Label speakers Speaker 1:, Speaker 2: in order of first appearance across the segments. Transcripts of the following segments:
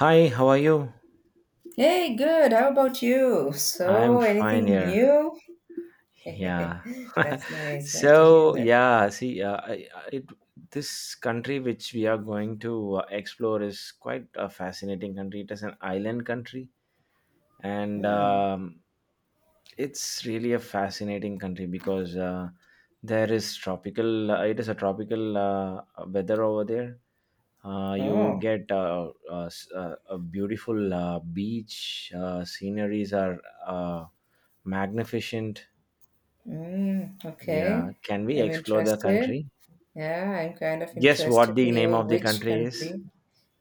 Speaker 1: Hi, how are you?
Speaker 2: Hey, good. How about you?
Speaker 1: I'm
Speaker 2: So,
Speaker 1: fine
Speaker 2: anything
Speaker 1: here.
Speaker 2: new?
Speaker 1: Yeah.
Speaker 2: That's nice. Nice to hear
Speaker 1: So,
Speaker 2: that.
Speaker 1: yeah, see, this country which we are going to explore is quite a fascinating country. It is an island country, and
Speaker 2: Hmm.
Speaker 1: it's really a fascinating country because it is a tropical weather over there. You
Speaker 2: Oh,
Speaker 1: get a beautiful beach, sceneries are. Uh, Magnificent.
Speaker 2: mm,
Speaker 1: Yeah.
Speaker 2: okay.
Speaker 1: Can we
Speaker 2: I'm
Speaker 1: explore the
Speaker 2: interested.
Speaker 1: country?
Speaker 2: Yeah, I'm kind of
Speaker 1: Guess
Speaker 2: interested
Speaker 1: what
Speaker 2: to
Speaker 1: the name
Speaker 2: hear
Speaker 1: of the
Speaker 2: which
Speaker 1: country is?
Speaker 2: country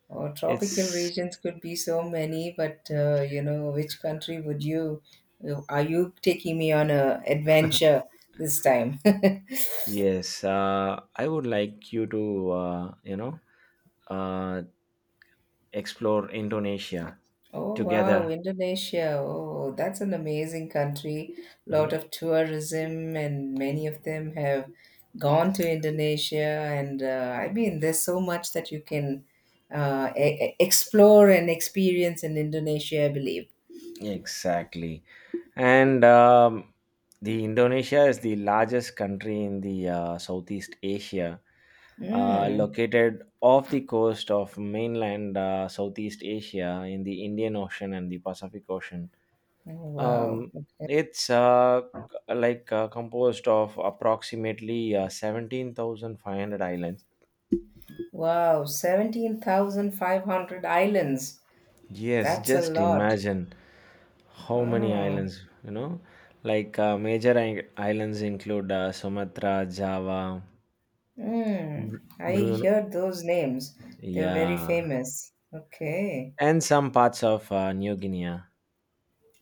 Speaker 2: or tropical
Speaker 1: It's
Speaker 2: regions could be so many, but you know, which country would you, are you taking me on a adventure this time?
Speaker 1: Yes. I would like you to uh, explore Indonesia
Speaker 2: Oh wow,
Speaker 1: together.
Speaker 2: Indonesia. Oh, that's an amazing country.
Speaker 1: Mhm.
Speaker 2: Lot of tourism, and many of them have gone to Indonesia. And I mean, there's so much that you can explore and experience in Indonesia, I believe.
Speaker 1: Exactly. And the Indonesia is the largest country in the Southeast Asia,
Speaker 2: Mm.
Speaker 1: located off the coast of mainland Southeast Asia in the Indian Ocean and the Pacific Ocean.
Speaker 2: Oh, wow.
Speaker 1: Um,
Speaker 2: Okay.
Speaker 1: it's like composed of approximately 17,500 islands.
Speaker 2: Wow, 17,500 islands.
Speaker 1: Yes,
Speaker 2: That's a
Speaker 1: just
Speaker 2: lot.
Speaker 1: imagine how many
Speaker 2: Oh.
Speaker 1: islands, you know? Like major islands include Sumatra, Java,
Speaker 2: Mm.
Speaker 1: Br-
Speaker 2: I
Speaker 1: Bruno,
Speaker 2: heard those names. They're very
Speaker 1: yeah,
Speaker 2: famous. Okay.
Speaker 1: and some parts of New Guinea.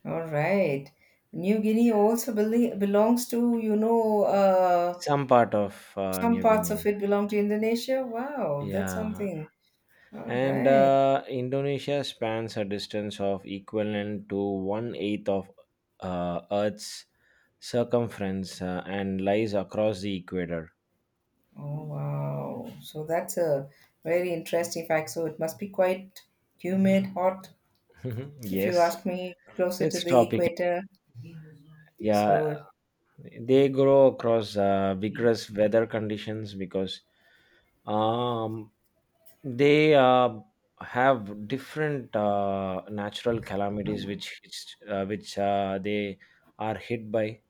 Speaker 2: All right. New Guinea also belongs to, you know,
Speaker 1: Some part of
Speaker 2: some
Speaker 1: New
Speaker 2: parts
Speaker 1: Guinea.
Speaker 2: of it belong to Indonesia. Wow, that's
Speaker 1: Yeah,
Speaker 2: something. All
Speaker 1: and
Speaker 2: right.
Speaker 1: Indonesia spans a distance of equivalent to one eighth of Earth's circumference and lies across the equator.
Speaker 2: Oh, wow. So that's a very interesting fact. So it must be quite humid, hot, if you
Speaker 1: Yes,
Speaker 2: ask me, closer to
Speaker 1: it's
Speaker 2: the
Speaker 1: tropical.
Speaker 2: equator.
Speaker 1: Yeah,
Speaker 2: So,
Speaker 1: they grow across vigorous weather conditions because um, they have different natural calamities which they are hit by.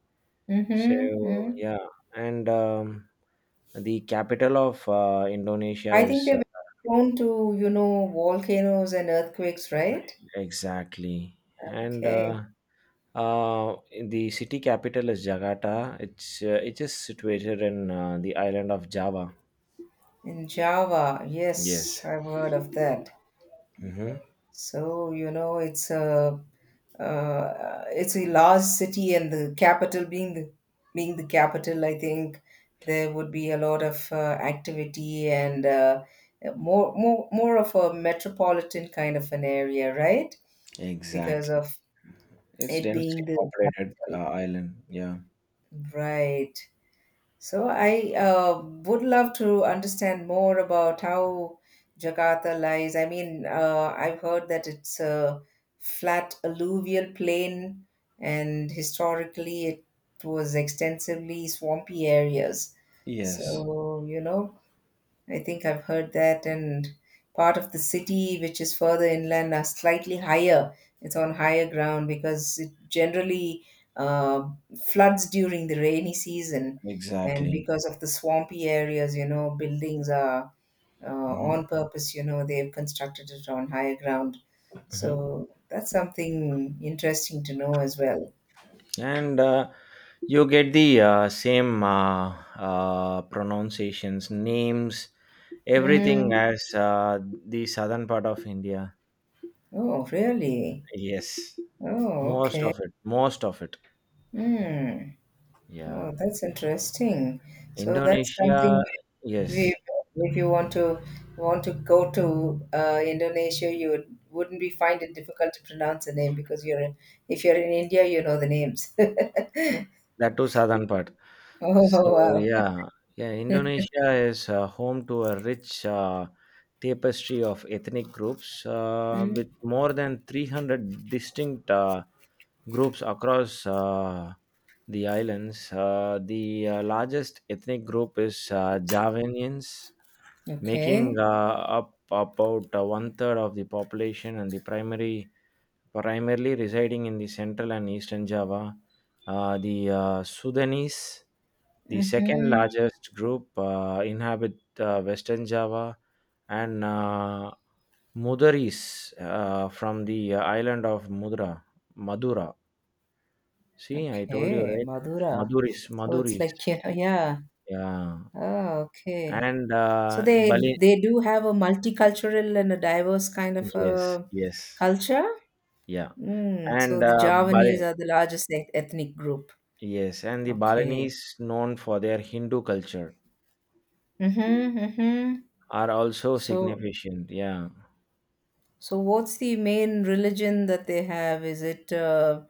Speaker 1: So
Speaker 2: mm-hmm, mm.
Speaker 1: yeah. And the capital of Indonesia
Speaker 2: I think
Speaker 1: is,
Speaker 2: they're very prone to, you know, volcanoes and earthquakes, right?
Speaker 1: exactly, and
Speaker 2: Okay.
Speaker 1: uh, the city capital is Jakarta. It is situated in the island of Java.
Speaker 2: In Java,
Speaker 1: Yes.
Speaker 2: yes, I've heard of that.
Speaker 1: Mm-hmm.
Speaker 2: So, you know, it's a large city, and the capital being the capital, I think there would be a lot of activity and more of a metropolitan kind of an area, right? Because
Speaker 1: Exactly.
Speaker 2: of
Speaker 1: It's
Speaker 2: it being
Speaker 1: densely
Speaker 2: the
Speaker 1: populated
Speaker 2: capital,
Speaker 1: island. Yeah.
Speaker 2: right? So I would love to understand more about how Jakarta lies. I mean, I've heard that it's a flat alluvial plain, and historically it was extensively swampy areas.
Speaker 1: Yes.
Speaker 2: So, you know, I think I've heard that, and part of the city which is further inland are slightly higher. It's on higher ground because it generally uh, floods during the rainy season, and
Speaker 1: Exactly.
Speaker 2: because of the swampy areas, you know, buildings are
Speaker 1: Mm-hmm.
Speaker 2: on purpose. You know, they've constructed it on higher ground, so that's something interesting to know as well.
Speaker 1: And you get the same pronunciations names everything
Speaker 2: Mm.
Speaker 1: as the southern part of India.
Speaker 2: Oh, really?
Speaker 1: Yes.
Speaker 2: Oh,
Speaker 1: Most
Speaker 2: okay.
Speaker 1: of it, most of it.
Speaker 2: Hmm.
Speaker 1: Yeah.
Speaker 2: Oh, that's interesting. So that's
Speaker 1: Indonesia.
Speaker 2: something that we,
Speaker 1: Yes,
Speaker 2: if you want to go to Indonesia, you would, wouldn't be find it difficult to pronounce the name because you're in, if you're in India, you know the names.
Speaker 1: that too southern part.
Speaker 2: Oh,
Speaker 1: So
Speaker 2: wow.
Speaker 1: yeah, yeah, Indonesia is home to a rich tapestry of ethnic groups
Speaker 2: Mm.
Speaker 1: with more than 300 distinct groups across the islands. The largest ethnic group is Javanians, making
Speaker 2: Okay.
Speaker 1: up about one third of the population and the primary primarily residing in the central and eastern Java. The Sudanese, the second
Speaker 2: Mm-hmm.
Speaker 1: largest group, inhabit Western Java, and Mudaris from the island of Mudra, Madura. See, I told you,
Speaker 2: Okay,
Speaker 1: right?
Speaker 2: Madura.
Speaker 1: Maduris,
Speaker 2: So it's
Speaker 1: Maduris.
Speaker 2: like, you know, yeah.
Speaker 1: Yeah,
Speaker 2: Oh, okay.
Speaker 1: and
Speaker 2: So
Speaker 1: Bali.
Speaker 2: they do have a multicultural and a diverse kind of
Speaker 1: Yes,
Speaker 2: a
Speaker 1: yes,
Speaker 2: culture.
Speaker 1: yeah,
Speaker 2: Mm, so
Speaker 1: and
Speaker 2: the
Speaker 1: Bali.
Speaker 2: Javanese are the largest ethnic group.
Speaker 1: Yes, and the
Speaker 2: Okay.
Speaker 1: Balinese, known for their Hindu culture,
Speaker 2: Mm-hmm, mm-hmm.
Speaker 1: are also
Speaker 2: So,
Speaker 1: significant. Yeah.
Speaker 2: so what's the main religion that they have? Is it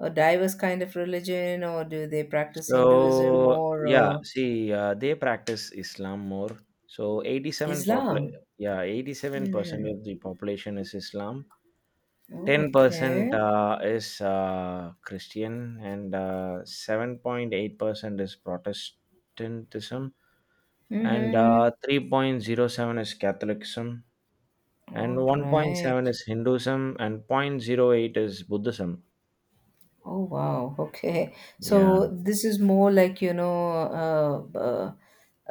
Speaker 2: a diverse kind of religion, or do they practice
Speaker 1: So
Speaker 2: Hinduism or
Speaker 1: yeah, see, they practice Islam more. So
Speaker 2: Islam?
Speaker 1: yeah, 87%
Speaker 2: Mm.
Speaker 1: of the population is Islam. 10%
Speaker 2: Okay.
Speaker 1: is Christian, and 7.8% is Protestantism, and
Speaker 2: Mm-hmm.
Speaker 1: 3.07 is Catholicism, and
Speaker 2: All
Speaker 1: one point
Speaker 2: right.
Speaker 1: seven is Hinduism, and zero point zero 0.08 is Buddhism.
Speaker 2: Oh wow. Okay.
Speaker 1: Yeah.
Speaker 2: So this is more like, you know, uh, uh,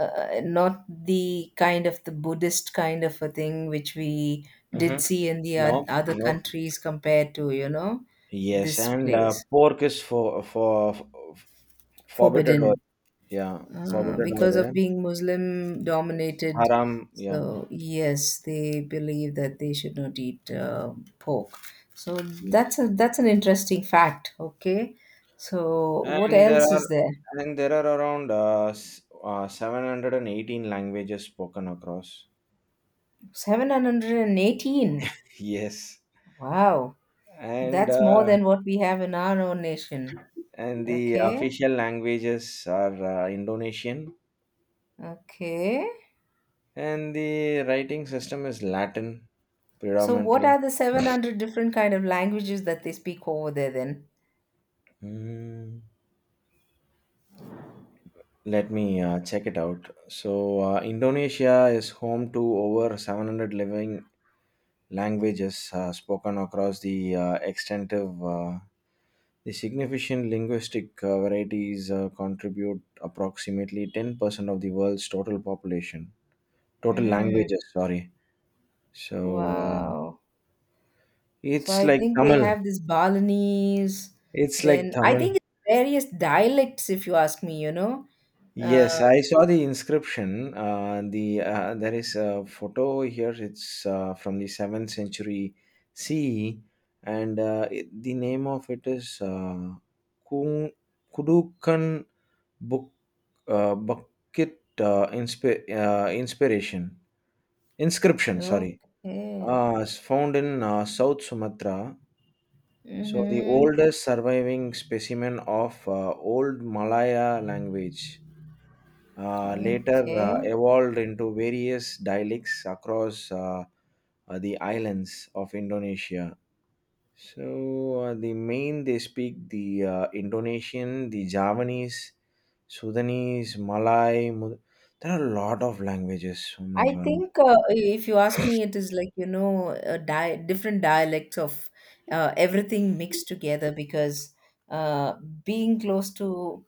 Speaker 2: uh, not the kind of the Buddhist kind of a thing which we did
Speaker 1: Mhm.
Speaker 2: see in the
Speaker 1: No,
Speaker 2: other
Speaker 1: no.
Speaker 2: countries compared to, you know,
Speaker 1: Yes,
Speaker 2: this
Speaker 1: and
Speaker 2: place.
Speaker 1: pork is for forbidden over.
Speaker 2: Forbidden.
Speaker 1: Yeah, forbidden over
Speaker 2: Because of
Speaker 1: there.
Speaker 2: being Muslim
Speaker 1: It's
Speaker 2: dominated.
Speaker 1: haram. Yeah,
Speaker 2: So yes, they believe that they should not eat pork. So
Speaker 1: yes.
Speaker 2: that's a that's an interesting fact. Okay. So what
Speaker 1: And there
Speaker 2: else
Speaker 1: are
Speaker 2: is there?
Speaker 1: and there are around 718 languages spoken across.
Speaker 2: 718.
Speaker 1: Yes,
Speaker 2: Wow.
Speaker 1: and
Speaker 2: That's more
Speaker 1: uh,
Speaker 2: than what we have in our own nation.
Speaker 1: and the
Speaker 2: Okay.
Speaker 1: official languages are Indonesian,
Speaker 2: Okay.
Speaker 1: and the writing system is Latin
Speaker 2: So what
Speaker 1: predominantly.
Speaker 2: are the 700 different kind of languages that they speak over there then?
Speaker 1: Mm. Let me check it out. So, Indonesia is home to over 700 living languages spoken across the extensive, the significant linguistic varieties contribute approximately 10% of the world's total
Speaker 2: Mm,
Speaker 1: languages. Sorry. So
Speaker 2: wow. So
Speaker 1: it's
Speaker 2: I
Speaker 1: like
Speaker 2: think they
Speaker 1: Tamil.
Speaker 2: have this Balinese,
Speaker 1: It's like
Speaker 2: then I
Speaker 1: Tamil.
Speaker 2: think it's various dialects, if you ask me, you know. Uh,
Speaker 1: Yes, I saw the inscription. There is a photo here. It's from the seventh century CE, and the name of it is Ku- Kudukan Book Bucket Inspiration inscription. Sorry,
Speaker 2: okay.
Speaker 1: is found in South Sumatra. So the
Speaker 2: Mm-hmm.
Speaker 1: oldest surviving specimen of old Malaya language later
Speaker 2: Okay.
Speaker 1: evolved into various dialects across the islands of Indonesia. So, the main they speak the Indonesian, the Javanese, Sudanese, Malay. There are a lot of languages. Oh my
Speaker 2: I
Speaker 1: god.
Speaker 2: think if you ask me, it is like, you know, a di different dialects of everything mixed together because uh, being close to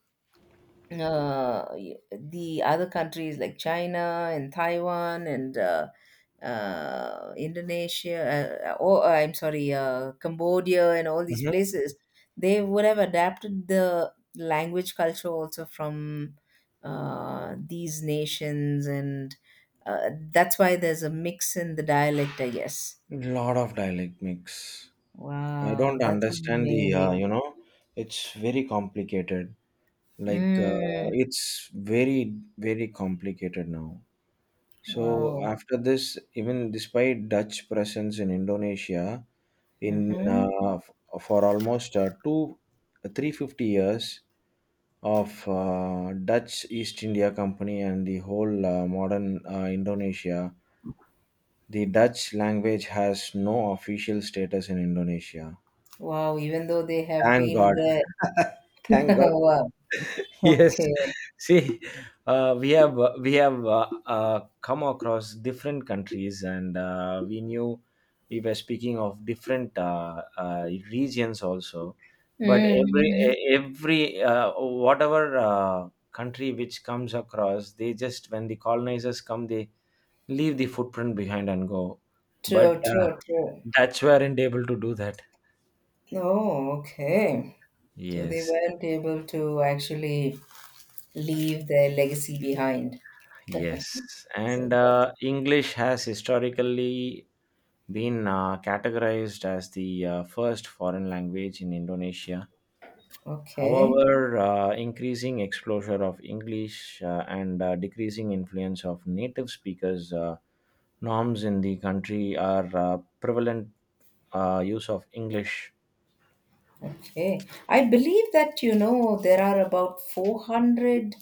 Speaker 2: the other countries like China and Taiwan and Indonesia, or I'm sorry, Cambodia and all these
Speaker 1: Mhm.
Speaker 2: places, they would have adapted the language culture also from these nations, and that's why there's a mix in the dialect, I guess.
Speaker 1: Lot of dialect mix. I
Speaker 2: Wow,
Speaker 1: don't
Speaker 2: that's
Speaker 1: understand the uh,
Speaker 2: amazing.
Speaker 1: you know. It's very complicated. Like
Speaker 2: Mm,
Speaker 1: it's very very complicated now. So
Speaker 2: wow.
Speaker 1: after this, even despite Dutch presence in Indonesia, in
Speaker 2: Mm-hmm.
Speaker 1: uh, f- for almost 350 years of Dutch East India Company and the whole modern Indonesia, the Dutch language has no official status in Indonesia.
Speaker 2: Wow, even though they have
Speaker 1: Thank
Speaker 2: been
Speaker 1: God.
Speaker 2: there.
Speaker 1: Thank God.
Speaker 2: Wow,
Speaker 1: Yes.
Speaker 2: okay.
Speaker 1: See, we have come across different countries, and we knew we were speaking of different regions also, but every
Speaker 2: Mm-hmm.
Speaker 1: e- every whatever country which comes across, they just when the colonizers come they leave the footprint behind and go, but
Speaker 2: True, true, true.
Speaker 1: Dutch weren't able to do that.
Speaker 2: Oh, okay. So they
Speaker 1: Yes.
Speaker 2: weren't able to actually leave their legacy behind.
Speaker 1: Yes, and
Speaker 2: So that's
Speaker 1: English has historically been categorized as the first foreign language in Indonesia.
Speaker 2: okay.
Speaker 1: However, increasing exposure of English and decreasing influence of native speakers norms in the country are prevalent use of English.
Speaker 2: Okay. I believe that, you know, there are about 400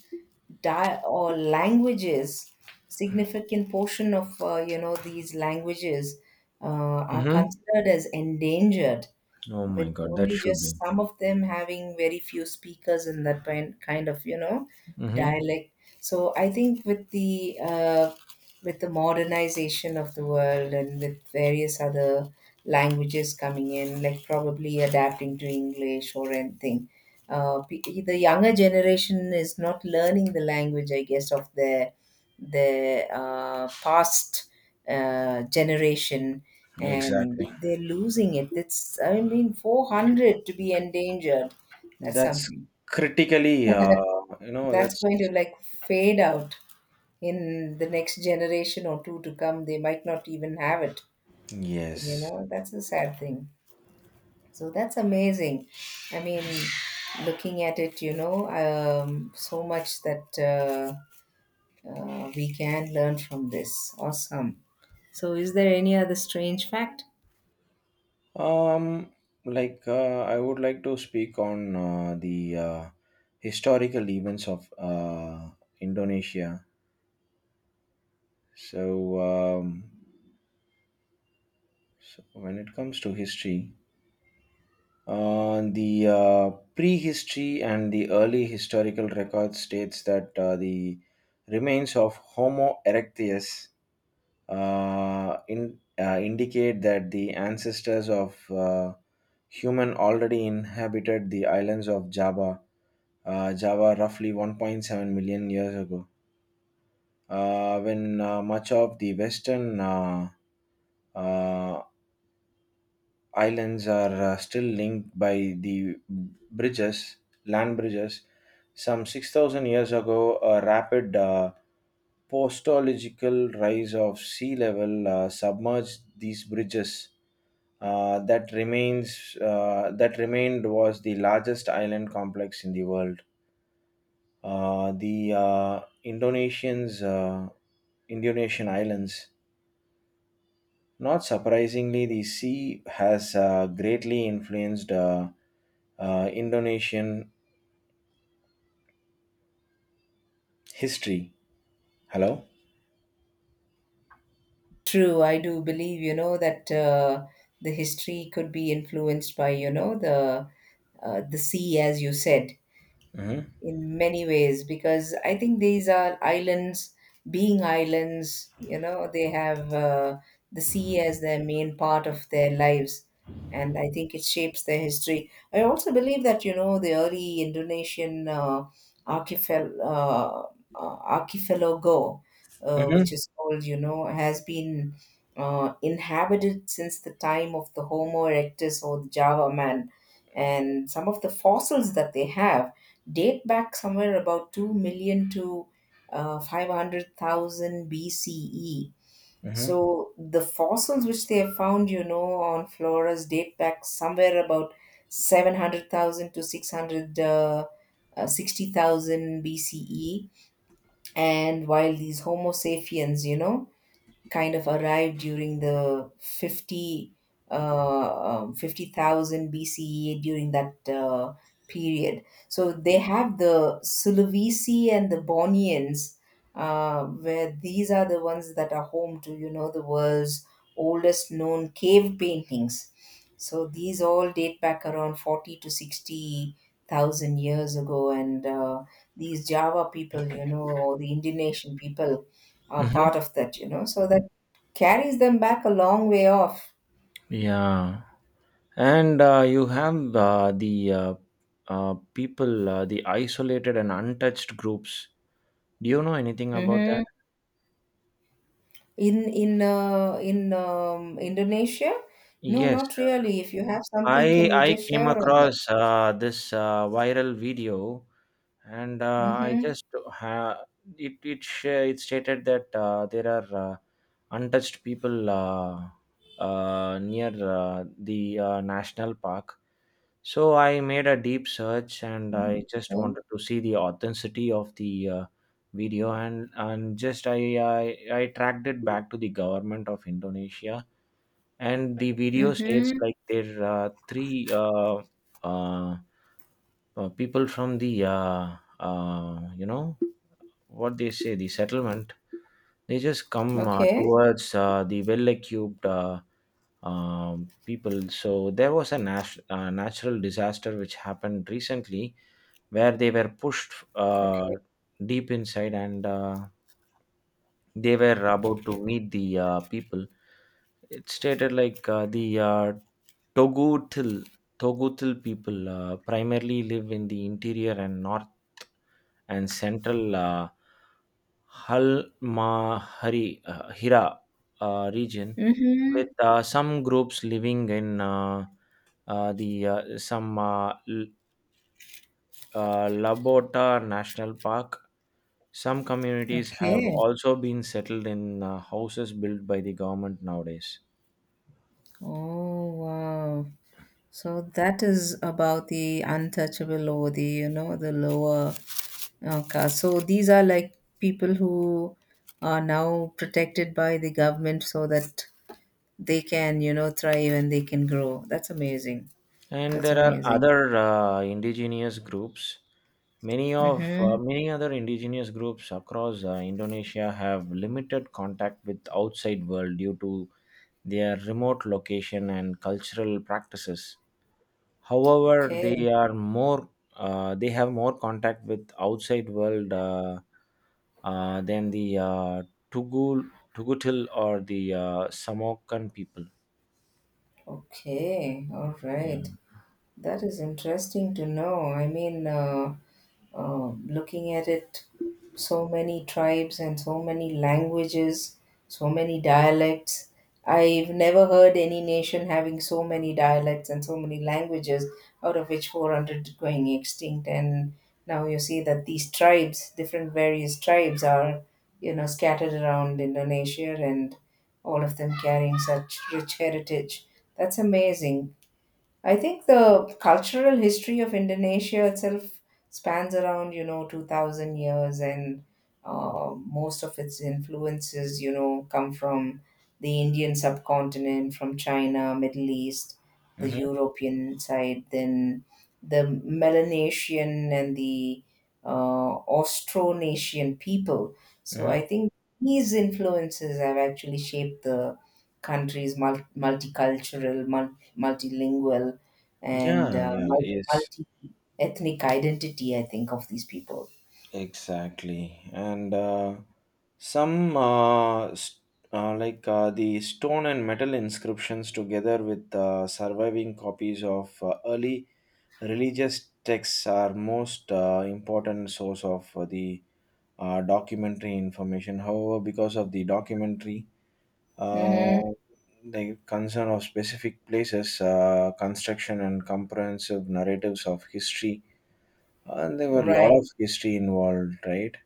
Speaker 2: or languages, significant portion of, you know, these languages are
Speaker 1: Hmm.
Speaker 2: considered as endangered,
Speaker 1: Oh
Speaker 2: with
Speaker 1: my God, that
Speaker 2: only
Speaker 1: should
Speaker 2: just
Speaker 1: be.
Speaker 2: some of them having very few speakers in that kind of, you know,
Speaker 1: Hmm.
Speaker 2: dialect. So I think with the modernization of the world and with various other languages coming in, like probably adapting to English or anything. The younger generation is not learning the language, I guess, of their the past generation, and
Speaker 1: Exactly.
Speaker 2: they're losing it. It's I mean, 400 to be endangered. That's
Speaker 1: That's
Speaker 2: something
Speaker 1: critically,
Speaker 2: that's
Speaker 1: that's.
Speaker 2: going to like fade out in the next generation or two to come. They might not even have it. You
Speaker 1: Yes.
Speaker 2: know, that's a sad thing. So that's amazing. I mean, looking at it, you know, so much that we can learn from this. Awesome. So, is there any other strange fact?
Speaker 1: Um, like I would like to speak on the historical events of Indonesia. So, um, so when it comes to history, the prehistory and the early historical record states that the remains of Homo erectus indicate that the ancestors of human already inhabited the islands of Java roughly 1.7 million years ago, when much of the western uh, islands are still linked by bridges, land bridges. Some 6,000 years ago, a rapid postological rise of sea level submerged these bridges. That remained was the largest island complex in the world. The Indonesian islands. Not surprisingly, the sea has greatly influenced Indonesian history. Hello.
Speaker 2: True, I do believe, you know, that the history could be influenced by, you know, the sea, as you said,
Speaker 1: Mm-hmm.
Speaker 2: in many ways because I think these are islands, being islands, you know, they have the sea as their main part of their lives. And I think it shapes their history. I also believe that, you know, the early Indonesian archipel uh, archipelago, which
Speaker 1: Mm-hmm.
Speaker 2: is called, you know, has been inhabited since the time of the Homo erectus or the Java man. And some of the fossils that they have date back somewhere about 2 million to 500,000 BCE.
Speaker 1: Mm-hmm.
Speaker 2: So the fossils which they have found, you know, on Flores date back somewhere about 700,000 to 60,000 BCE. And while these Homo sapiens, you know, kind of arrived during the 50 uh, um, 50,000 BCE during that period. So they have the Sulawesi and the Borneans, where these are the ones that are home to, you know, the world's oldest known cave paintings. So these all date back around 40 to 60,000 years ago. And these Java people, you know, or the Indonesian people, are
Speaker 1: Mm-hmm.
Speaker 2: part of that, you know, so that carries them back a long way off.
Speaker 1: Yeah, and you have the people, the isolated and untouched groups. Do you know anything about
Speaker 2: Hmm.
Speaker 1: that?
Speaker 2: In Indonesia, no,
Speaker 1: Yes,
Speaker 2: not really. If you have
Speaker 1: I
Speaker 2: something, can you
Speaker 1: I
Speaker 2: just
Speaker 1: came
Speaker 2: share on that?
Speaker 1: across this viral video, and I
Speaker 2: Mm-hmm.
Speaker 1: just ha- it stated that there are untouched people near the national park. So I made a deep search, and I just
Speaker 2: Okay.
Speaker 1: wanted to see the authenticity of the video, and just I tracked it back to the government of Indonesia. And the video states
Speaker 2: Mm-hmm.
Speaker 1: like there are three uh, people from the you know what they say, the settlement they just come
Speaker 2: Okay.
Speaker 1: towards the well-equipped people. So there was a natural disaster which happened recently where they were pushed
Speaker 2: Okay.
Speaker 1: deep inside, and they were about to meet the people. It stated like the Togotil Togotil people primarily live in the interior and north and central Halmahari Hira region,
Speaker 2: Mm-hmm.
Speaker 1: with some groups living in the some L- Labota National Park. Some communities have
Speaker 2: Okay.
Speaker 1: also been settled in houses built by the government nowadays.
Speaker 2: Oh wow. So that is about the untouchable or the you know the lower caste. So these are like people who are now protected by the government so that they can you know thrive and they can grow. That's amazing.
Speaker 1: And
Speaker 2: That's
Speaker 1: there are
Speaker 2: amazing.
Speaker 1: other indigenous groups. Many of uh,
Speaker 2: Mm-hmm.
Speaker 1: many other indigenous groups across Indonesia have limited contact with outside world due to their remote location and cultural practices. However,
Speaker 2: Okay.
Speaker 1: they have more contact with outside world than the Tugutil or the Samokan people.
Speaker 2: Okay. All right.
Speaker 1: Yeah.
Speaker 2: That is interesting to know. I mean, looking at it, so many tribes and so many languages, so many dialects. I've never heard any nation having so many dialects and so many languages, out of which 400 going extinct. And now you see that these tribes, different various tribes, are you know scattered around Indonesia and all of them carrying such rich heritage. That's amazing. I think the cultural history of Indonesia itself spans around, you know, 2000 years, and most of its influences, you know, come from the Indian subcontinent, from China, Middle East, the
Speaker 1: Mm-hmm.
Speaker 2: European side, then the Melanesian and the Austronesian people. So
Speaker 1: Mm-hmm.
Speaker 2: I think these influences have actually shaped the country's multicultural, multilingual and
Speaker 1: Yeah. Yeah. Yes.
Speaker 2: multi ethnic identity, I think, of these people.
Speaker 1: Exactly. And some uh, st- like the stone and metal inscriptions together with surviving copies of early religious texts are most important source of the documentary information. However, because of the documentary,
Speaker 2: Mm-hmm.
Speaker 1: uh, the concern of specific places, construction and comprehensive narratives of history, and there were a lot
Speaker 2: Right.
Speaker 1: of history involved, right?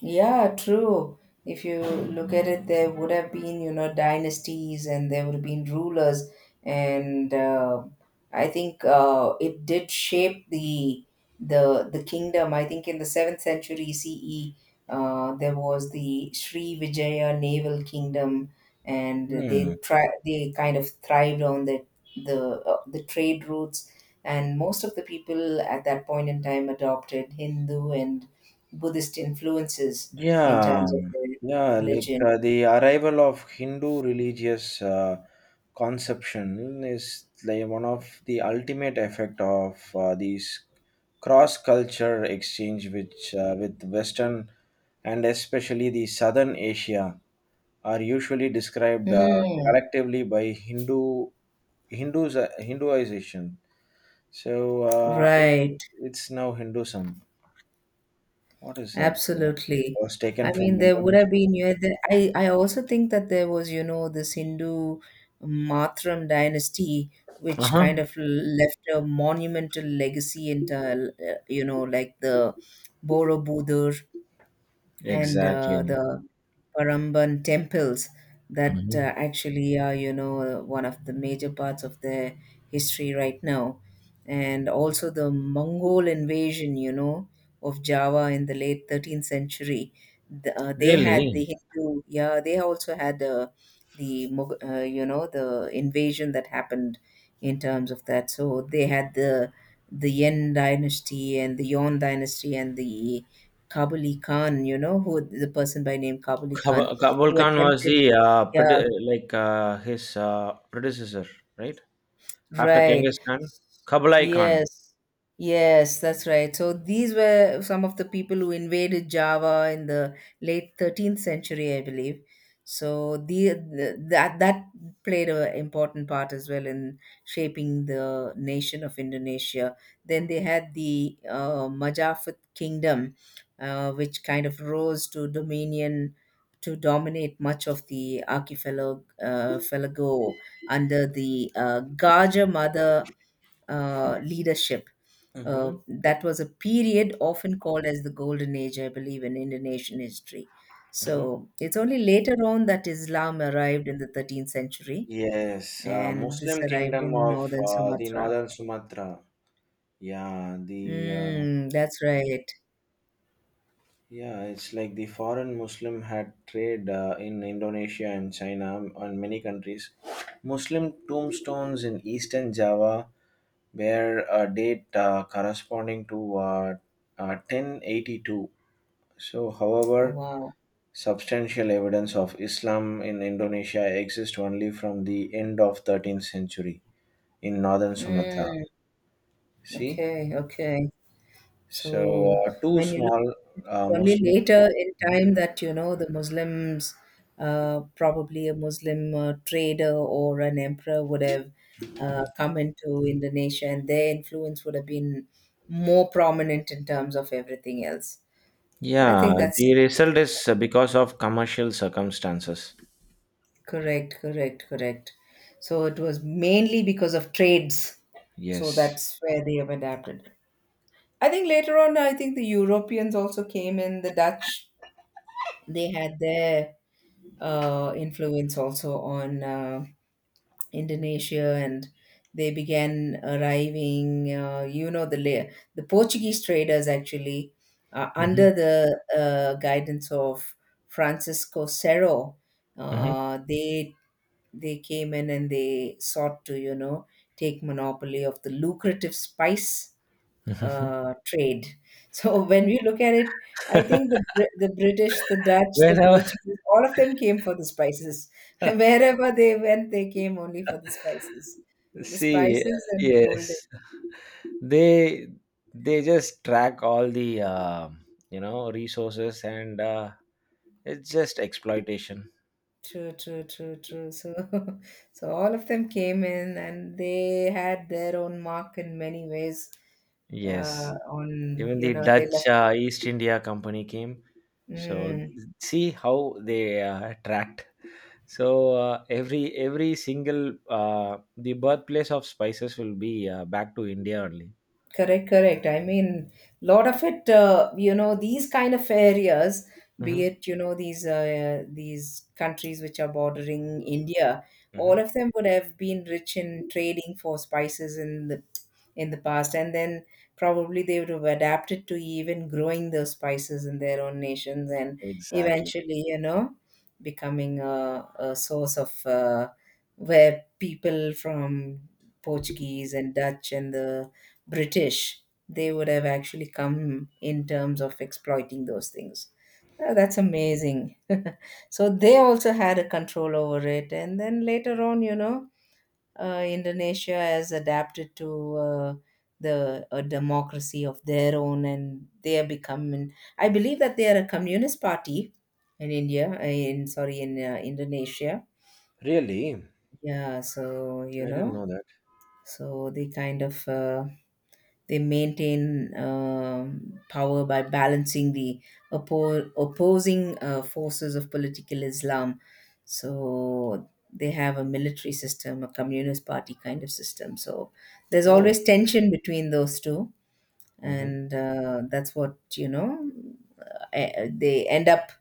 Speaker 2: Yeah, true. If you look at it, there would have been, you know, dynasties and there would have been rulers. And I think it did shape the the kingdom. I think in the seventh century CE, there was the Sri Vijaya naval kingdom, and they
Speaker 1: Hmm.
Speaker 2: try they kind of thrived on the the trade routes. And most of the people at that point in time adopted Hindu and Buddhist influences in
Speaker 1: Yeah,
Speaker 2: terms of their
Speaker 1: yeah, like
Speaker 2: religion.
Speaker 1: the arrival of Hindu religious conception is like one of the ultimate effect of these cross-culture exchange, which with Western and especially the Southern Asia are usually described
Speaker 2: Mm,
Speaker 1: collectively by Hinduization. So
Speaker 2: right,
Speaker 1: it's now Hinduism. What is that? Yeah.
Speaker 2: absolutely.
Speaker 1: Was
Speaker 2: I
Speaker 1: taken
Speaker 2: mean,
Speaker 1: from
Speaker 2: there would
Speaker 1: Indonesia.
Speaker 2: have been, you know, the, I also think that there was, you know, this Hindu Mathram dynasty, which kind
Speaker 1: Uh-huh.
Speaker 2: of left a monumental legacy in, the, you know, like the Borobudur and
Speaker 1: Exactly.
Speaker 2: the Paramban temples that
Speaker 1: Mhm.
Speaker 2: actually are, you know, one of the major parts of their history right now. And also the Mongol invasion, you know, of Java in the late 13th century. They had the
Speaker 1: Really,
Speaker 2: Hindu, yeah, they also had the, you know, the invasion that happened in terms of that. So they had the Yen dynasty and the Yon dynasty and the Kabuli Khan, you know, who the person by name Kabuli Khan,
Speaker 1: Kabul
Speaker 2: who
Speaker 1: Khan was
Speaker 2: attempted,
Speaker 1: the
Speaker 2: yeah.
Speaker 1: like his predecessor, right? After
Speaker 2: Right.
Speaker 1: Genghis Khan, Kabalai Khan.
Speaker 2: Yes. Yes, that's right. So these were some of the people who invaded Java in the late 13th century, I believe. So the that that played an important part as well in shaping the nation of Indonesia. Then they had the Majapahit Kingdom, which kind of rose to dominion to dominate much of the archipelago archipelago under the Gaja Mother leadership.
Speaker 1: Mhm.
Speaker 2: That was a period often called as the Golden Age, I believe, in Indonesian history.
Speaker 1: Mhm.
Speaker 2: So it's only later on that Islam arrived in the 13th century,
Speaker 1: Yes,
Speaker 2: and this
Speaker 1: Muslim
Speaker 2: arrived
Speaker 1: kingdom
Speaker 2: in
Speaker 1: of
Speaker 2: northern
Speaker 1: the
Speaker 2: Sumatra.
Speaker 1: northern Sumatra. Yeah, the
Speaker 2: Mm, that's right.
Speaker 1: yeah, it's like the foreign Muslim had trade in Indonesia and China and many countries. Muslim tombstones in eastern Java where a date corresponding to 1082. So,
Speaker 2: Oh,
Speaker 1: however,
Speaker 2: wow.
Speaker 1: substantial evidence of Islam in Indonesia exists only from the end of 13th century in northern Sumatra.
Speaker 2: Mm,
Speaker 1: See,
Speaker 2: okay, okay.
Speaker 1: so
Speaker 2: So
Speaker 1: two
Speaker 2: when you look,
Speaker 1: small
Speaker 2: it was only
Speaker 1: Muslim.
Speaker 2: later in time that you know the Muslims, probably a Muslim trader or an emperor would have come into Indonesia, and their influence would have been more prominent in terms of everything else. I
Speaker 1: Yeah,
Speaker 2: think
Speaker 1: the
Speaker 2: that's
Speaker 1: result is because of commercial circumstances.
Speaker 2: correct. So it was mainly because of trades. So
Speaker 1: Yes.
Speaker 2: that's where they have adapted. I think later on, I think the Europeans also came in, the Dutch. They had their influence also on Indonesia, and they began arriving. You know, the Portuguese traders actually
Speaker 1: Mhm,
Speaker 2: under the guidance of Francisco Cerro,
Speaker 1: mhm,
Speaker 2: uh, they they came in and they sought to you know take monopoly of the lucrative spice
Speaker 1: mhm.
Speaker 2: trade. So when we look at it, I think the British, the Dutch, the
Speaker 1: Whenever
Speaker 2: Portuguese, all of them came for the spices. Wherever they went, they came only for the
Speaker 1: see,
Speaker 2: spices and the gold.
Speaker 1: yes, they just track all the resources and it's just exploitation
Speaker 2: True. So, so all of them came in, and they had their own mark in many ways.
Speaker 1: yes
Speaker 2: On
Speaker 1: Even
Speaker 2: you
Speaker 1: the
Speaker 2: know they
Speaker 1: Dutch
Speaker 2: left.
Speaker 1: East India Company came. so
Speaker 2: Hmm.
Speaker 1: See how they tracked. So every single The birthplace of spices will be back to India only.
Speaker 2: Correct. I mean, lot of it, you know, these kind of areas, be
Speaker 1: hmm
Speaker 2: it, you know, these countries which are bordering India, all
Speaker 1: hmm
Speaker 2: of them would have been rich in trading for spices in the past, and then probably they would have adapted to even growing those spices in their own nations, and
Speaker 1: exactly.
Speaker 2: eventually, you know, becoming a source of where people from Portuguese and Dutch and the British, they would have actually come in terms of exploiting those things. Oh, that's amazing. So they also had a control over it, and then later on, you know, Indonesia has adapted to the a democracy of their own, and they are becoming. I believe that they are a communist party in India, in sorry, in Indonesia.
Speaker 1: Really,
Speaker 2: Yeah, so you
Speaker 1: I didn't
Speaker 2: know,
Speaker 1: know that.
Speaker 2: so they kind of they maintain power by balancing the opposing forces of political Islam. So they have a military system, a communist party kind of system. So there's
Speaker 1: oh
Speaker 2: always tension between those two,
Speaker 1: hmm
Speaker 2: and that's what you know. They end up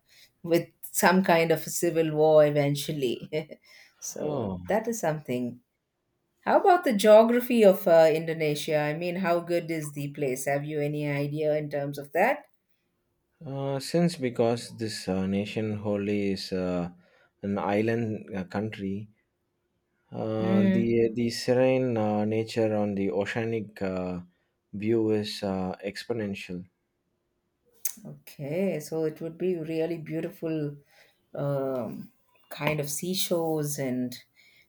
Speaker 2: with some kind of a civil war eventually. So
Speaker 1: oh
Speaker 2: that is something. How about the geography of Indonesia? I mean, how good is the place? Have you any idea in terms of that?
Speaker 1: Since because this nation wholly is an island country, uh,
Speaker 2: Mm.
Speaker 1: the the serene nature on the oceanic view is exponential.
Speaker 2: Okay, so it would be really beautiful um, kind of seashores and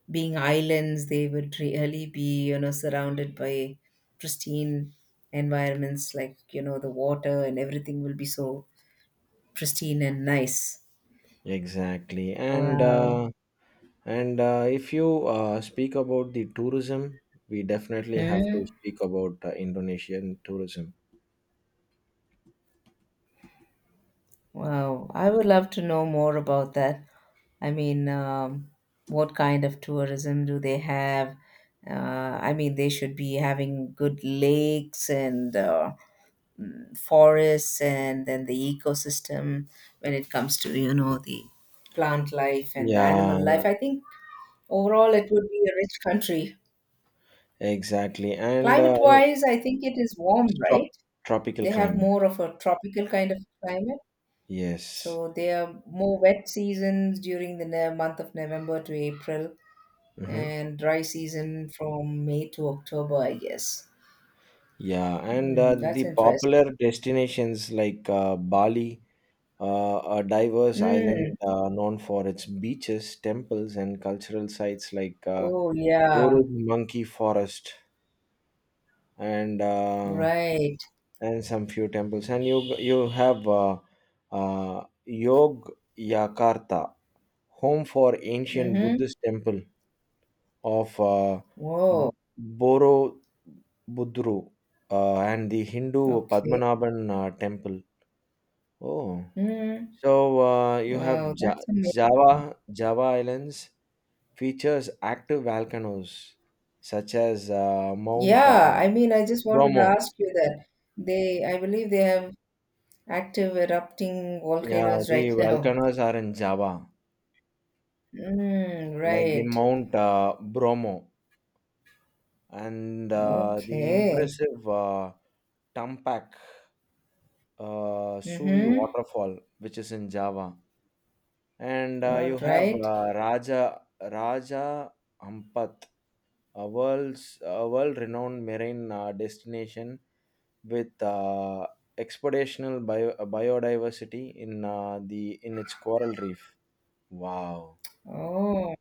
Speaker 2: being islands, they would really be, you know, surrounded by pristine environments like, you know, the water and everything will be so pristine and nice.
Speaker 1: Exactly,
Speaker 2: Wow.
Speaker 1: and If you speak about the tourism, we definitely have to
Speaker 2: Mm.
Speaker 1: speak about Indonesian tourism.
Speaker 2: Wow. I would love to know more about that. I mean, what kind of tourism do they have? I mean, they should be having good lakes and forests, and then the ecosystem when it comes to you know the plant life and the animal
Speaker 1: Yeah,
Speaker 2: life. I think overall it would be a rich country.
Speaker 1: exactly, and
Speaker 2: Climate wise, I think it is warm,
Speaker 1: trop-
Speaker 2: right?
Speaker 1: Tropical
Speaker 2: They have
Speaker 1: climate.
Speaker 2: more of a tropical kind of climate,
Speaker 1: Yes.
Speaker 2: so there are more wet seasons during the month of November to April
Speaker 1: hmm
Speaker 2: and dry season from May to October, I guess.
Speaker 1: Yeah, and
Speaker 2: Hmm, that's
Speaker 1: the popular
Speaker 2: interesting.
Speaker 1: destinations like Bali, a diverse island
Speaker 2: Mm.
Speaker 1: known for its beaches, temples, and cultural sites like
Speaker 2: Oh yeah,
Speaker 1: Orud Monkey Forest and uh,
Speaker 2: right.
Speaker 1: and some few temples. And you have Yog Yakarta, home for ancient
Speaker 2: Mm-hmm.
Speaker 1: Buddhist temple of
Speaker 2: Whoa.
Speaker 1: Boro Budru, and the Hindu
Speaker 2: Okay.
Speaker 1: Padmanabhan temple. Oh,
Speaker 2: Mm.
Speaker 1: so you have
Speaker 2: Wow,
Speaker 1: ja-
Speaker 2: that's amazing.
Speaker 1: Java Java Islands features active volcanoes such as Mount
Speaker 2: Yeah, I mean, I just wanted to
Speaker 1: Bromo.
Speaker 2: ask you that they, I believe they have active erupting
Speaker 1: Yeah,
Speaker 2: volcanoes
Speaker 1: the
Speaker 2: right now.
Speaker 1: volcanoes are in Java,
Speaker 2: Mm,
Speaker 1: like the
Speaker 2: right.
Speaker 1: Mount Bromo and the
Speaker 2: Okay.
Speaker 1: impressive Tumpak Suvi
Speaker 2: Mm-hmm.
Speaker 1: waterfall, which is in Java. And
Speaker 2: All
Speaker 1: you have
Speaker 2: right.
Speaker 1: Raja Ampat, a world-renowned marine destination with expeditional biodiversity in the in its coral reef. Wow,
Speaker 2: Oh.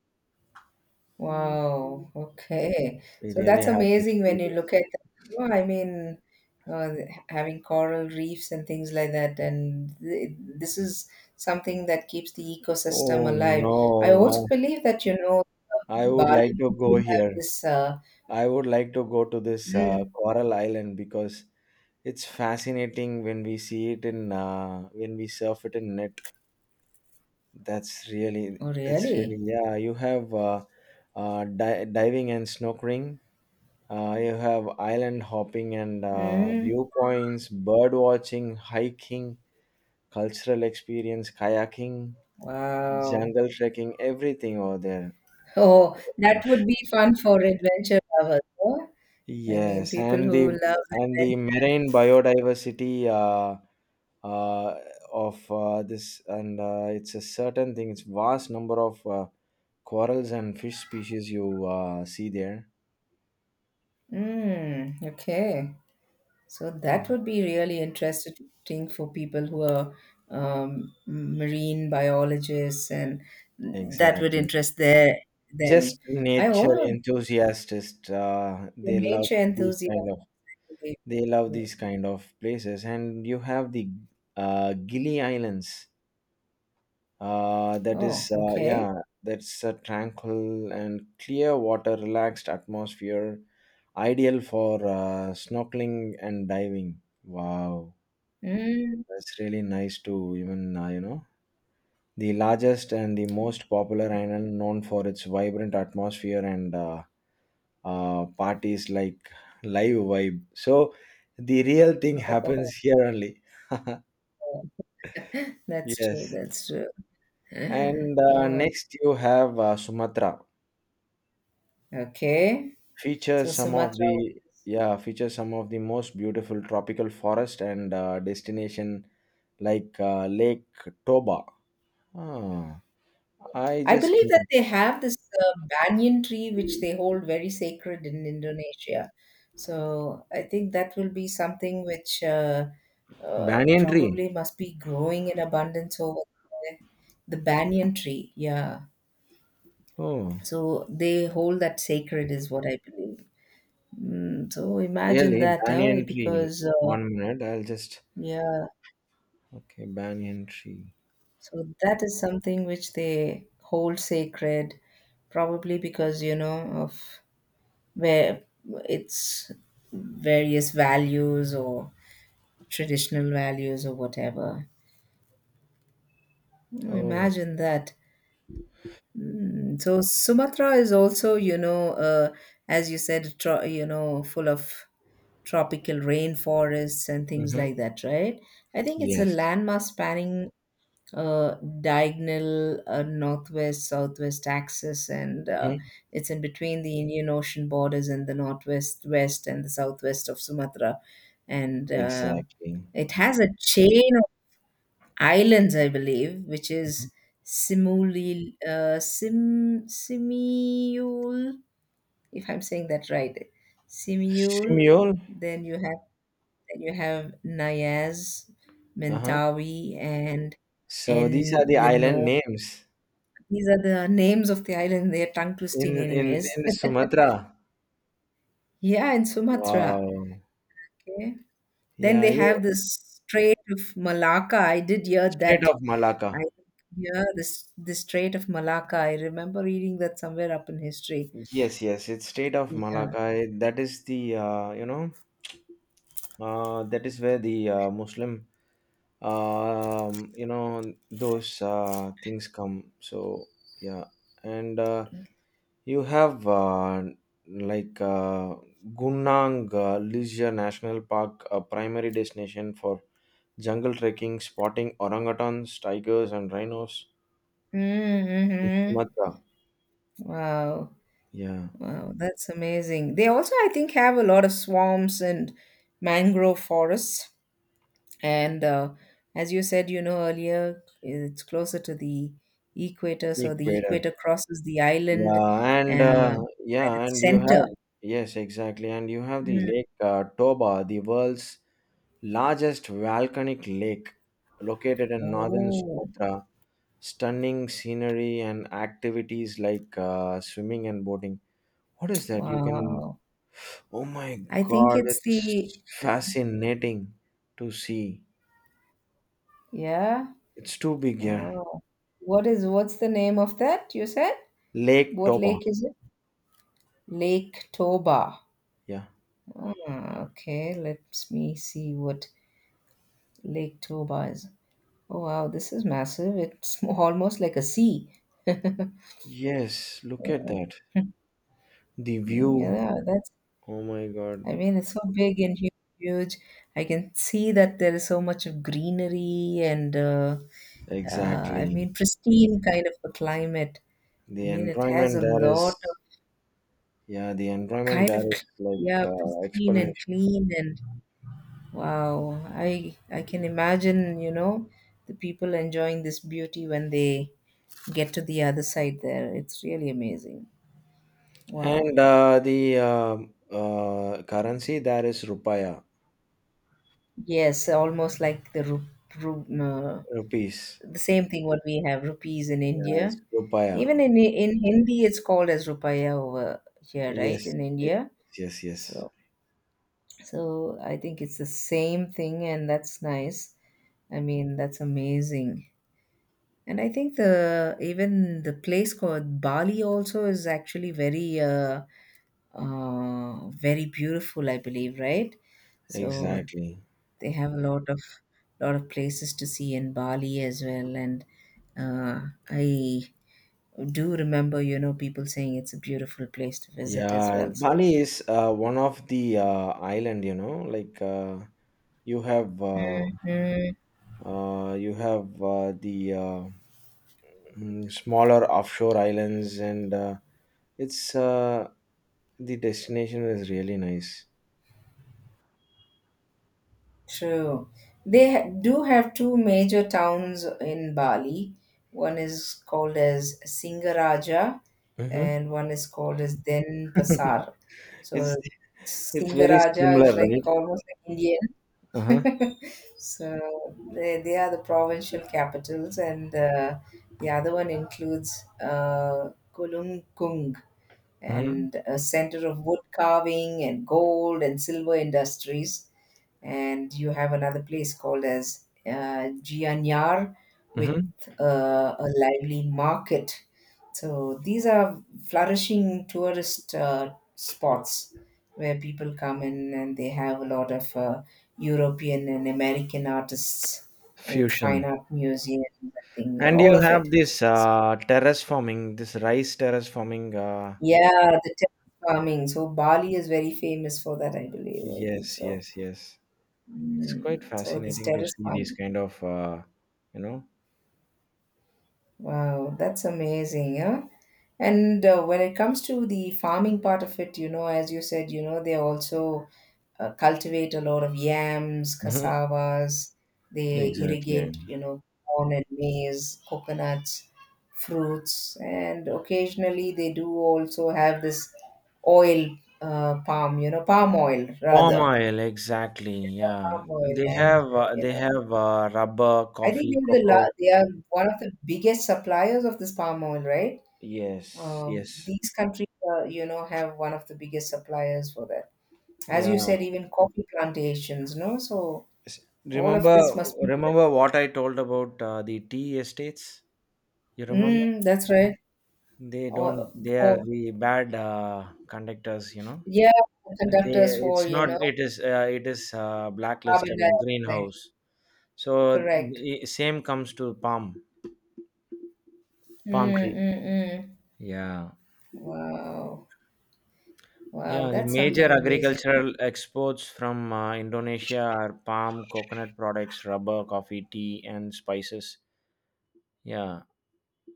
Speaker 1: we
Speaker 2: Wow, okay. So
Speaker 1: really
Speaker 2: that's
Speaker 1: have to
Speaker 2: amazing when
Speaker 1: see
Speaker 2: you
Speaker 1: this.
Speaker 2: look at that. Oh, I mean, uh, having coral reefs and things like that, and th this is something that keeps the ecosystem
Speaker 1: Oh
Speaker 2: alive. I also
Speaker 1: no,
Speaker 2: believe that, you know,
Speaker 1: I would like
Speaker 2: Bali
Speaker 1: to go
Speaker 2: people have
Speaker 1: here.
Speaker 2: this.
Speaker 1: I would like to go to this
Speaker 2: Mm,
Speaker 1: coral island because it's fascinating when we see it in when we surf it in Netflix.
Speaker 2: oh, really?
Speaker 1: Yeah. You have diving and snorkeling. You have island hopping and
Speaker 2: Mm,
Speaker 1: viewpoints, bird watching, hiking, cultural experience, kayaking,
Speaker 2: wow.
Speaker 1: jungle trekking, everything over there.
Speaker 2: Oh, that would
Speaker 1: Oof.
Speaker 2: be fun for adventure lovers, huh? I mean,
Speaker 1: Yes,
Speaker 2: people
Speaker 1: and
Speaker 2: who
Speaker 1: the,
Speaker 2: love adventure.
Speaker 1: marine biodiversity uh, of this, and it's a certain thing. It's vast number of corals and fish species you see there.
Speaker 2: Mm, okay. So that
Speaker 1: Yeah,
Speaker 2: would be really interesting for people who are marine biologists, and that would
Speaker 1: exactly.
Speaker 2: interest their them.
Speaker 1: Just
Speaker 2: I
Speaker 1: nature
Speaker 2: oh,
Speaker 1: enthusiasts,
Speaker 2: you're a nature enthusiast. Really.
Speaker 1: they love these kind of places, and you have the Gili Islands.
Speaker 2: Oh, okay.
Speaker 1: Yeah, that's a tranquil and clear water, relaxed atmosphere, ideal for snorkeling and diving. Wow,
Speaker 2: Mm.
Speaker 1: that's really nice to even you know the largest and the most popular island known for its vibrant atmosphere and parties like live vibe. So the real thing happens here only.
Speaker 2: That's true.
Speaker 1: Yes.
Speaker 2: That's true.
Speaker 1: And
Speaker 2: Oh,
Speaker 1: next you have Sumatra.
Speaker 2: okay. So
Speaker 1: Features some of
Speaker 2: Sumatra.
Speaker 1: the Yeah, features some of the most beautiful tropical forest and destination like Lake Toba. Ah, I
Speaker 2: I
Speaker 1: just
Speaker 2: believe that
Speaker 1: came.
Speaker 2: they have this banyan tree, which they hold very sacred in Indonesia. So I think that will be something which
Speaker 1: Banyan tree.
Speaker 2: probably must be growing in abundance over there. The banyan tree, yeah.
Speaker 1: Oh,
Speaker 2: So they hold that sacred, is what I believe. Mm, so imagine
Speaker 1: really?
Speaker 2: that,
Speaker 1: Banyan tree.
Speaker 2: because
Speaker 1: One minute. I'll just
Speaker 2: yeah,
Speaker 1: Okay. Banyan tree.
Speaker 2: so that is something which they hold sacred, probably because you know of where it's various values or traditional values or whatever. Mm,
Speaker 1: Oh.
Speaker 2: imagine that. Mm, so Sumatra is also, you know, as you said, you know, full of tropical rainforests and things
Speaker 1: Mm-hmm.
Speaker 2: like that, right? I think it's a
Speaker 1: Yes.
Speaker 2: landmass spanning uh, diagonal northwest southwest axis and
Speaker 1: Mm-hmm.
Speaker 2: it's in between the indian ocean borders and the northwest west and the southwest of sumatra and
Speaker 1: Exactly.
Speaker 2: it has a chain of islands I believe which is
Speaker 1: Mhm.
Speaker 2: simuli uh, sim simiul if I'm saying that right simiul
Speaker 1: Simyol.
Speaker 2: then you have then you have nayaz
Speaker 1: Uh-huh.
Speaker 2: mentawi and
Speaker 1: So these are the
Speaker 2: Engano.
Speaker 1: island names
Speaker 2: These are the names of the island. They are tongue
Speaker 1: in
Speaker 2: twisting, anyways.
Speaker 1: Sumatra.
Speaker 2: Yeah, in Sumatra.
Speaker 1: Wow.
Speaker 2: Okay. Then
Speaker 1: Yeah,
Speaker 2: they
Speaker 1: you
Speaker 2: have this Strait of Malacca. I did hear
Speaker 1: Strait
Speaker 2: that.
Speaker 1: of Malacca.
Speaker 2: I yeah, this the Strait of Malacca. I remember reading that somewhere up in history.
Speaker 1: Yes, it's Strait of
Speaker 2: Yeah.
Speaker 1: Malacca. That is the you know that is where the Muslim you know those things come. So yeah. and You have like uh, Gunang Leisure National Park, a primary destination for jungle trekking, spotting orangutans, tigers, and rhinos in
Speaker 2: Mm-hmm.
Speaker 1: Sumatra.
Speaker 2: Wow.
Speaker 1: Yeah,
Speaker 2: Wow, that's amazing. They also, I think, have a lot of swamps and mangrove forests. And as you said, you know, earlier, it's closer to the equator. So the
Speaker 1: Ecuador.
Speaker 2: equator crosses the island
Speaker 1: Yeah, and
Speaker 2: at
Speaker 1: yeah,
Speaker 2: its
Speaker 1: and you
Speaker 2: center.
Speaker 1: have Yes, exactly, and you have the
Speaker 2: Mm.
Speaker 1: Lake Toba, the world's largest volcanic lake, located in northern
Speaker 2: Oh,
Speaker 1: Sumatra. Stunning scenery and activities like swimming and boating. What is that? You can.
Speaker 2: wow.
Speaker 1: Oh my
Speaker 2: I think
Speaker 1: god,
Speaker 2: it's the,
Speaker 1: it's fascinating to see.
Speaker 2: yeah.
Speaker 1: It's too big here.
Speaker 2: Oh. What is, what's the name of that you said?
Speaker 1: Lake
Speaker 2: What
Speaker 1: Toba.
Speaker 2: lake is it? Lake Toba.
Speaker 1: Yeah.
Speaker 2: Ah, okay, let me see what Lake Toba is. Oh, wow, this is massive. It's almost like a sea.
Speaker 1: Yes, look at that. The view.
Speaker 2: Yeah, that's,
Speaker 1: Oh my god.
Speaker 2: I mean, it's so big and huge. I can see that there is so much of greenery and, I
Speaker 1: Exactly.
Speaker 2: mean, pristine kind of a climate. I
Speaker 1: The
Speaker 2: mean, it has
Speaker 1: environment
Speaker 2: a
Speaker 1: there
Speaker 2: lot of
Speaker 1: is. Yeah, the environment
Speaker 2: kind of,
Speaker 1: there is like
Speaker 2: yeah, pristine and
Speaker 1: exponential.
Speaker 2: clean and wow. I can imagine, you know, the people enjoying this beauty when they get to the other side there. It's really amazing.
Speaker 1: And
Speaker 2: Wow.
Speaker 1: the currency there is rupaya.
Speaker 2: Yes, almost like the Ru- uh,
Speaker 1: Rupees.
Speaker 2: the same thing what we have rupees in India.
Speaker 1: Yeah, it's
Speaker 2: Even
Speaker 1: rupaya.
Speaker 2: in Hindi, it's called as rupaya over here, right?
Speaker 1: Yes.
Speaker 2: In
Speaker 1: Yes,
Speaker 2: India,
Speaker 1: yes, yes.
Speaker 2: so so I think it's the same thing, and that's nice. I mean, that's amazing. And I think the even the place called Bali also is actually very beautiful, I believe, right? So
Speaker 1: Exactly.
Speaker 2: they have a lot of places to see in Bali as well. And I do remember, you know, people saying it's a beautiful place to visit as
Speaker 1: Yeah,
Speaker 2: well. So,
Speaker 1: Bali is one of the island, you know, you have uh,
Speaker 2: mm,
Speaker 1: you have smaller offshore islands, and it's the destination is really nice.
Speaker 2: true. Do have two major towns in Bali. One is called as Singaraja,
Speaker 1: hmm
Speaker 2: and one is called as Denpasar. So,
Speaker 1: It's it's very
Speaker 2: Singaraja is
Speaker 1: similar,
Speaker 2: like
Speaker 1: right?
Speaker 2: almost like India.
Speaker 1: Uh-huh.
Speaker 2: So they are the provincial capitals, and the other one includes Kulungkung
Speaker 1: Mm-hmm.
Speaker 2: and a center of wood carving and gold and silver industries. And you have another place called as Gianyar with
Speaker 1: Mm-hmm.
Speaker 2: a lively market. So these are flourishing tourist spots where people come in and they have a lot of European and American artists with fine
Speaker 1: Fusion,
Speaker 2: art museums, I think,
Speaker 1: and
Speaker 2: all
Speaker 1: you
Speaker 2: of
Speaker 1: have
Speaker 2: it.
Speaker 1: this this rice terrace forming.
Speaker 2: Yeah, the terrace farming. So Bali is very famous for that, I believe. I think
Speaker 1: Yes,
Speaker 2: so.
Speaker 1: yes. It's quite
Speaker 2: Mm, so this
Speaker 1: fascinating to
Speaker 2: terrace
Speaker 1: see these
Speaker 2: farming.
Speaker 1: kind of, you know,
Speaker 2: Wow, that's amazing, yeah. And when it comes to the farming part of it, you know, as you said, you know, they also cultivate a lot of yams,
Speaker 1: hmm
Speaker 2: cassavas, they
Speaker 1: exactly.
Speaker 2: irrigate, you know, corn and maize, coconuts, fruits, and occasionally they do also have this oil palm, you know, palm oil
Speaker 1: Palm
Speaker 2: rather,
Speaker 1: oil, exactly. Yeah,
Speaker 2: palm oil, and you
Speaker 1: they
Speaker 2: know,
Speaker 1: have rubber,
Speaker 2: I think
Speaker 1: coffee,
Speaker 2: they're
Speaker 1: cocoa.
Speaker 2: they are one of the biggest suppliers of this palm oil, right?
Speaker 1: Yes, yes.
Speaker 2: These countries, you know, have one of the biggest suppliers for that. As
Speaker 1: Yeah.
Speaker 2: you said, even coffee plantations, no? So
Speaker 1: S-
Speaker 2: all of
Speaker 1: Remember,
Speaker 2: this must be.
Speaker 1: remember what I told about the tea estates? You remember?
Speaker 2: Mm, that's right.
Speaker 1: They don't.
Speaker 2: Or
Speaker 1: They are
Speaker 2: for
Speaker 1: the bad conductors. You know.
Speaker 2: yeah,
Speaker 1: They.
Speaker 2: conductors for
Speaker 1: It's
Speaker 2: you
Speaker 1: not.
Speaker 2: know
Speaker 1: It is. It is
Speaker 2: carbon
Speaker 1: blacklisted in
Speaker 2: dioxide.
Speaker 1: greenhouse. So
Speaker 2: Correct.
Speaker 1: the same comes to palm
Speaker 2: Mm,
Speaker 1: tree.
Speaker 2: mm, mm.
Speaker 1: Yeah,
Speaker 2: Wow, wow,
Speaker 1: yeah. The
Speaker 2: that's
Speaker 1: major
Speaker 2: something amazing, huh?
Speaker 1: agricultural exports from Indonesia are palm, coconut products, rubber, coffee, tea, and spices. Yeah,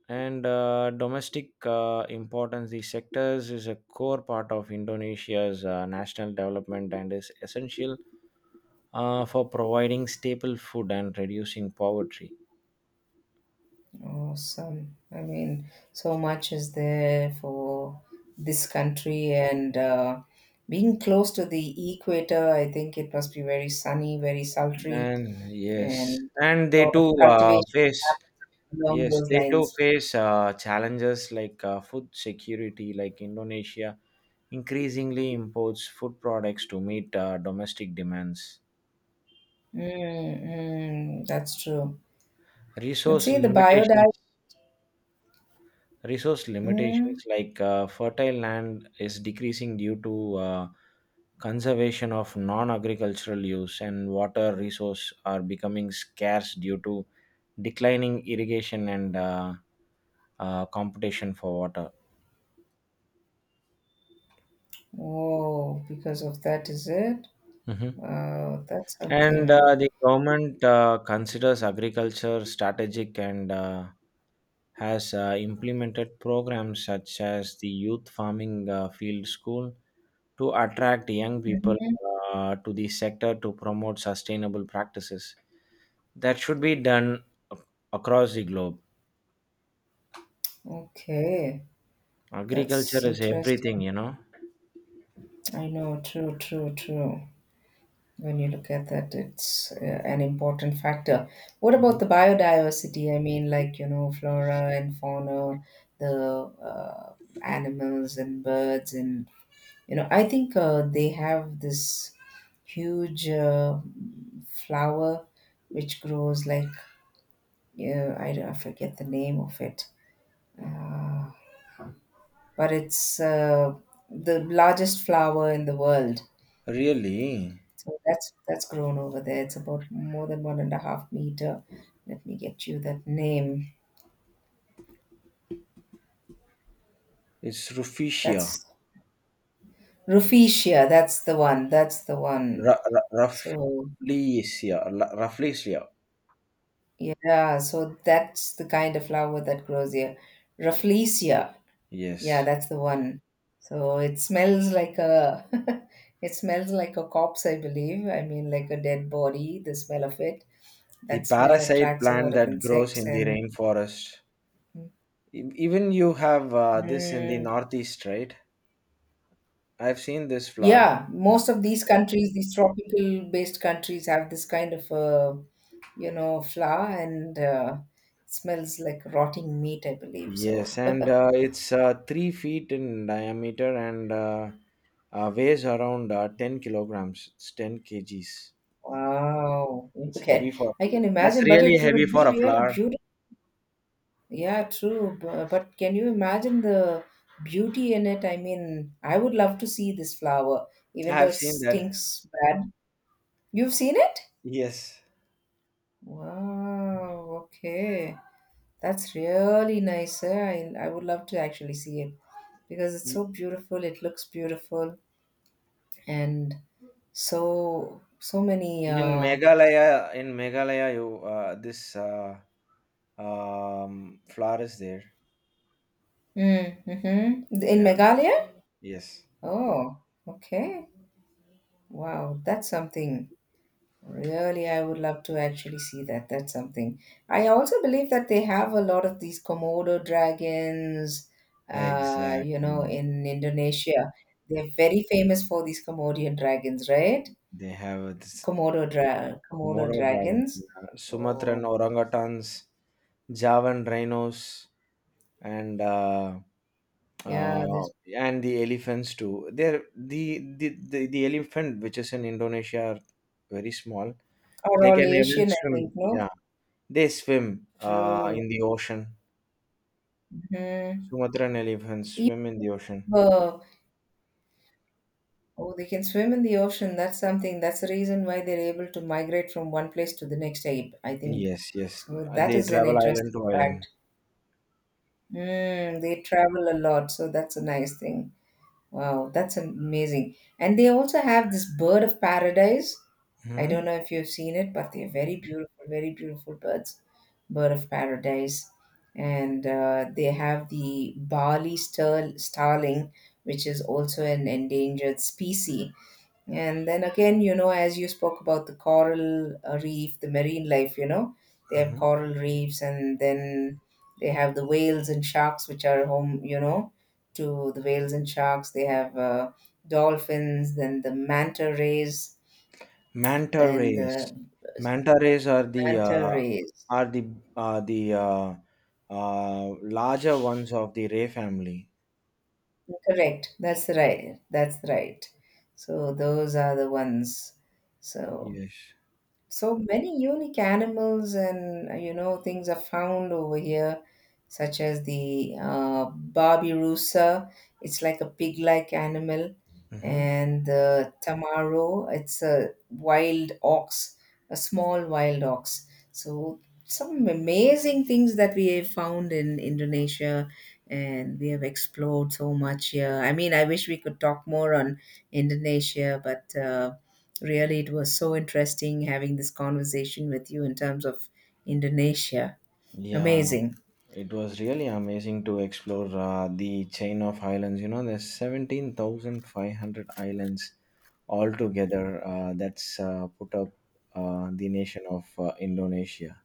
Speaker 1: and domestic importance. The sectors is a core part of Indonesia's national development and is essential for providing staple food and reducing poverty.
Speaker 2: Awesome. I mean, so much is there for this country, and being close to the equator, I think it must be very sunny, very sultry,
Speaker 1: And Yes,
Speaker 2: and
Speaker 1: and
Speaker 2: a
Speaker 1: they
Speaker 2: lot of
Speaker 1: too
Speaker 2: cultivation
Speaker 1: face.
Speaker 2: happens along
Speaker 1: Yes,
Speaker 2: those
Speaker 1: they do
Speaker 2: lines.
Speaker 1: face challenges like food security, like Indonesia increasingly imports food products to meet domestic demands.
Speaker 2: Mm, mm, that's true. Let's
Speaker 1: Resource
Speaker 2: see the
Speaker 1: limitations,
Speaker 2: biodiversity.
Speaker 1: resource limitations
Speaker 2: Mm,
Speaker 1: like fertile land is decreasing due to conservation of non-agricultural use, and water resource are becoming scarce due to declining irrigation and competition for water.
Speaker 2: oh, because of that, is it?
Speaker 1: Mhm.
Speaker 2: Wow, that's
Speaker 1: And
Speaker 2: something.
Speaker 1: uh, the government considers agriculture strategic and has implemented programs such as the Youth Farming Field School to attract young people
Speaker 2: Mhm.
Speaker 1: to the sector to promote sustainable practices. That should be done ac- across the globe.
Speaker 2: Okay, that's
Speaker 1: Agriculture is everything,
Speaker 2: interesting.
Speaker 1: you know.
Speaker 2: I know, true, true, true. When you look at that, it's an important factor. What about
Speaker 1: Mhm.
Speaker 2: the biodiversity? I mean, like, you know, flora and fauna, the animals and birds, and, you know, I think they have this huge flower which grows like, yeah, I, don't- I forget the name of it, uh, but it's the largest flower in the world.
Speaker 1: Really?
Speaker 2: So that's grown over there. It's about more than 1.5 meter. Let me get you that name.
Speaker 1: It's Rufesia.
Speaker 2: That's Rufesia. That's the one. That's the one.
Speaker 1: Ra- ra-
Speaker 2: So
Speaker 1: Rafflesia. Rafflesia.
Speaker 2: yeah, so that's the kind of flower that grows here. Rafflesia. Yeah,
Speaker 1: Yes.
Speaker 2: that's the one. So it smells like a it smells like a corpse, I believe. I mean, like a dead body, the smell of it.
Speaker 1: The
Speaker 2: That smell
Speaker 1: parasite
Speaker 2: attracts a
Speaker 1: plant
Speaker 2: lot of
Speaker 1: that grows
Speaker 2: insects
Speaker 1: in the
Speaker 2: and
Speaker 1: rainforest. Even you have this in the
Speaker 2: mm,
Speaker 1: northeast, right? I've seen this flower.
Speaker 2: yeah, most of these countries, these tropical based countries, have this kind of you know, flour and it smells like rotting meat, I believe. So,
Speaker 1: Yes, and uh, it's 3 feet in diameter and weighs around 10 kilograms. It's 10 kgs.
Speaker 2: wow,
Speaker 1: It's heavy
Speaker 2: okay,
Speaker 1: for.
Speaker 2: I can
Speaker 1: That's
Speaker 2: imagine, but
Speaker 1: really
Speaker 2: it
Speaker 1: heavy
Speaker 2: would
Speaker 1: for
Speaker 2: be
Speaker 1: a
Speaker 2: really
Speaker 1: flower.
Speaker 2: beautiful. Yeah, true, but can you imagine the beauty in it? I mean, I would love to see this flower,
Speaker 1: I
Speaker 2: even though
Speaker 1: have
Speaker 2: it
Speaker 1: seen that.
Speaker 2: stinks bad. You've seen it?
Speaker 1: Yes.
Speaker 2: Wow, okay. That's really nice, eh? I would love to actually see it because it's
Speaker 1: Y-
Speaker 2: so beautiful. It looks beautiful and so many.
Speaker 1: In Meghalaya, you this flower is there.
Speaker 2: In
Speaker 1: Yeah.
Speaker 2: Meghalaya.
Speaker 1: Yes.
Speaker 2: Oh, okay. Wow, that's something. Really, I would love to actually see that. That's something. I also believe that they have a lot of these Komodo dragons, you know,
Speaker 1: Exactly.
Speaker 2: in Indonesia. They're very famous for these Komodo dragons, right?
Speaker 1: They have this
Speaker 2: Komodo
Speaker 1: Komodo dragons,
Speaker 2: dragons.
Speaker 1: yeah, Sumatran
Speaker 2: Oh,
Speaker 1: orangutans, Javan rhinos, and
Speaker 2: yeah,
Speaker 1: uh,
Speaker 2: this
Speaker 1: and the elephants too. They're the elephant which is in Indonesia are very small.
Speaker 2: or
Speaker 1: They
Speaker 2: all
Speaker 1: can even
Speaker 2: Asian, I think,
Speaker 1: swim.
Speaker 2: no?
Speaker 1: Yeah, they swim
Speaker 2: True.
Speaker 1: in the ocean.
Speaker 2: Hmm.
Speaker 1: Sumatran elephants
Speaker 2: Even,
Speaker 1: swim in the ocean.
Speaker 2: uh, oh, they can swim in the ocean. That's something. That's the reason why they're able to migrate from one place to the next, I think.
Speaker 1: Yes, yes.
Speaker 2: So that
Speaker 1: They
Speaker 2: is an
Speaker 1: travel
Speaker 2: interesting
Speaker 1: island to island.
Speaker 2: fact. Mm, they travel a lot, so that's a nice thing. Wow, that's amazing. And they also have this bird of paradise. I don't
Speaker 1: hmm
Speaker 2: know if you've seen it, but they're very beautiful birds. Bird of paradise. And they have the starling, which is also an endangered species. Yeah. And then again, you know, as you spoke about the coral reef, the marine life, you know, they have
Speaker 1: Hmm?
Speaker 2: coral reefs, and then they have the whales and sharks, which are home, you know, to the whales and sharks. They have dolphins, then the manta rays,
Speaker 1: Manta
Speaker 2: and
Speaker 1: rays.
Speaker 2: the
Speaker 1: Manta rays are the
Speaker 2: manta
Speaker 1: uh,
Speaker 2: rays.
Speaker 1: are the are the uh, larger ones of the ray family.
Speaker 2: Correct. That's right. That's right. So those are the ones. So,
Speaker 1: Yes.
Speaker 2: so many unique animals and you know, things are found over here, such as the Barbirusa, it's like a pig-like animal,
Speaker 1: Mm-hmm.
Speaker 2: and the Tamaro, it's a wild ox, a small wild ox. So some amazing things that we have found in Indonesia, and we have explored so much here. I mean, I wish we could talk more on Indonesia, but really, it was so interesting having this conversation with you in terms of Indonesia.
Speaker 1: Yeah,
Speaker 2: Amazing.
Speaker 1: it was really amazing to explore the chain of islands. You know, there's 17,500 islands altogether that's put up the nation of Indonesia.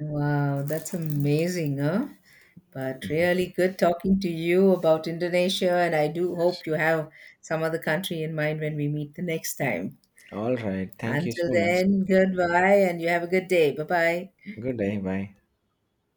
Speaker 2: Wow, that's amazing, huh? But
Speaker 1: Mhm.
Speaker 2: really good talking to you about Indonesia, and I do hope you have some other country in mind when we meet the next time.
Speaker 1: All right. Thank you
Speaker 2: Until
Speaker 1: so much.
Speaker 2: then, goodbye, and you have a good day. Bye bye.
Speaker 1: Good day. Bye.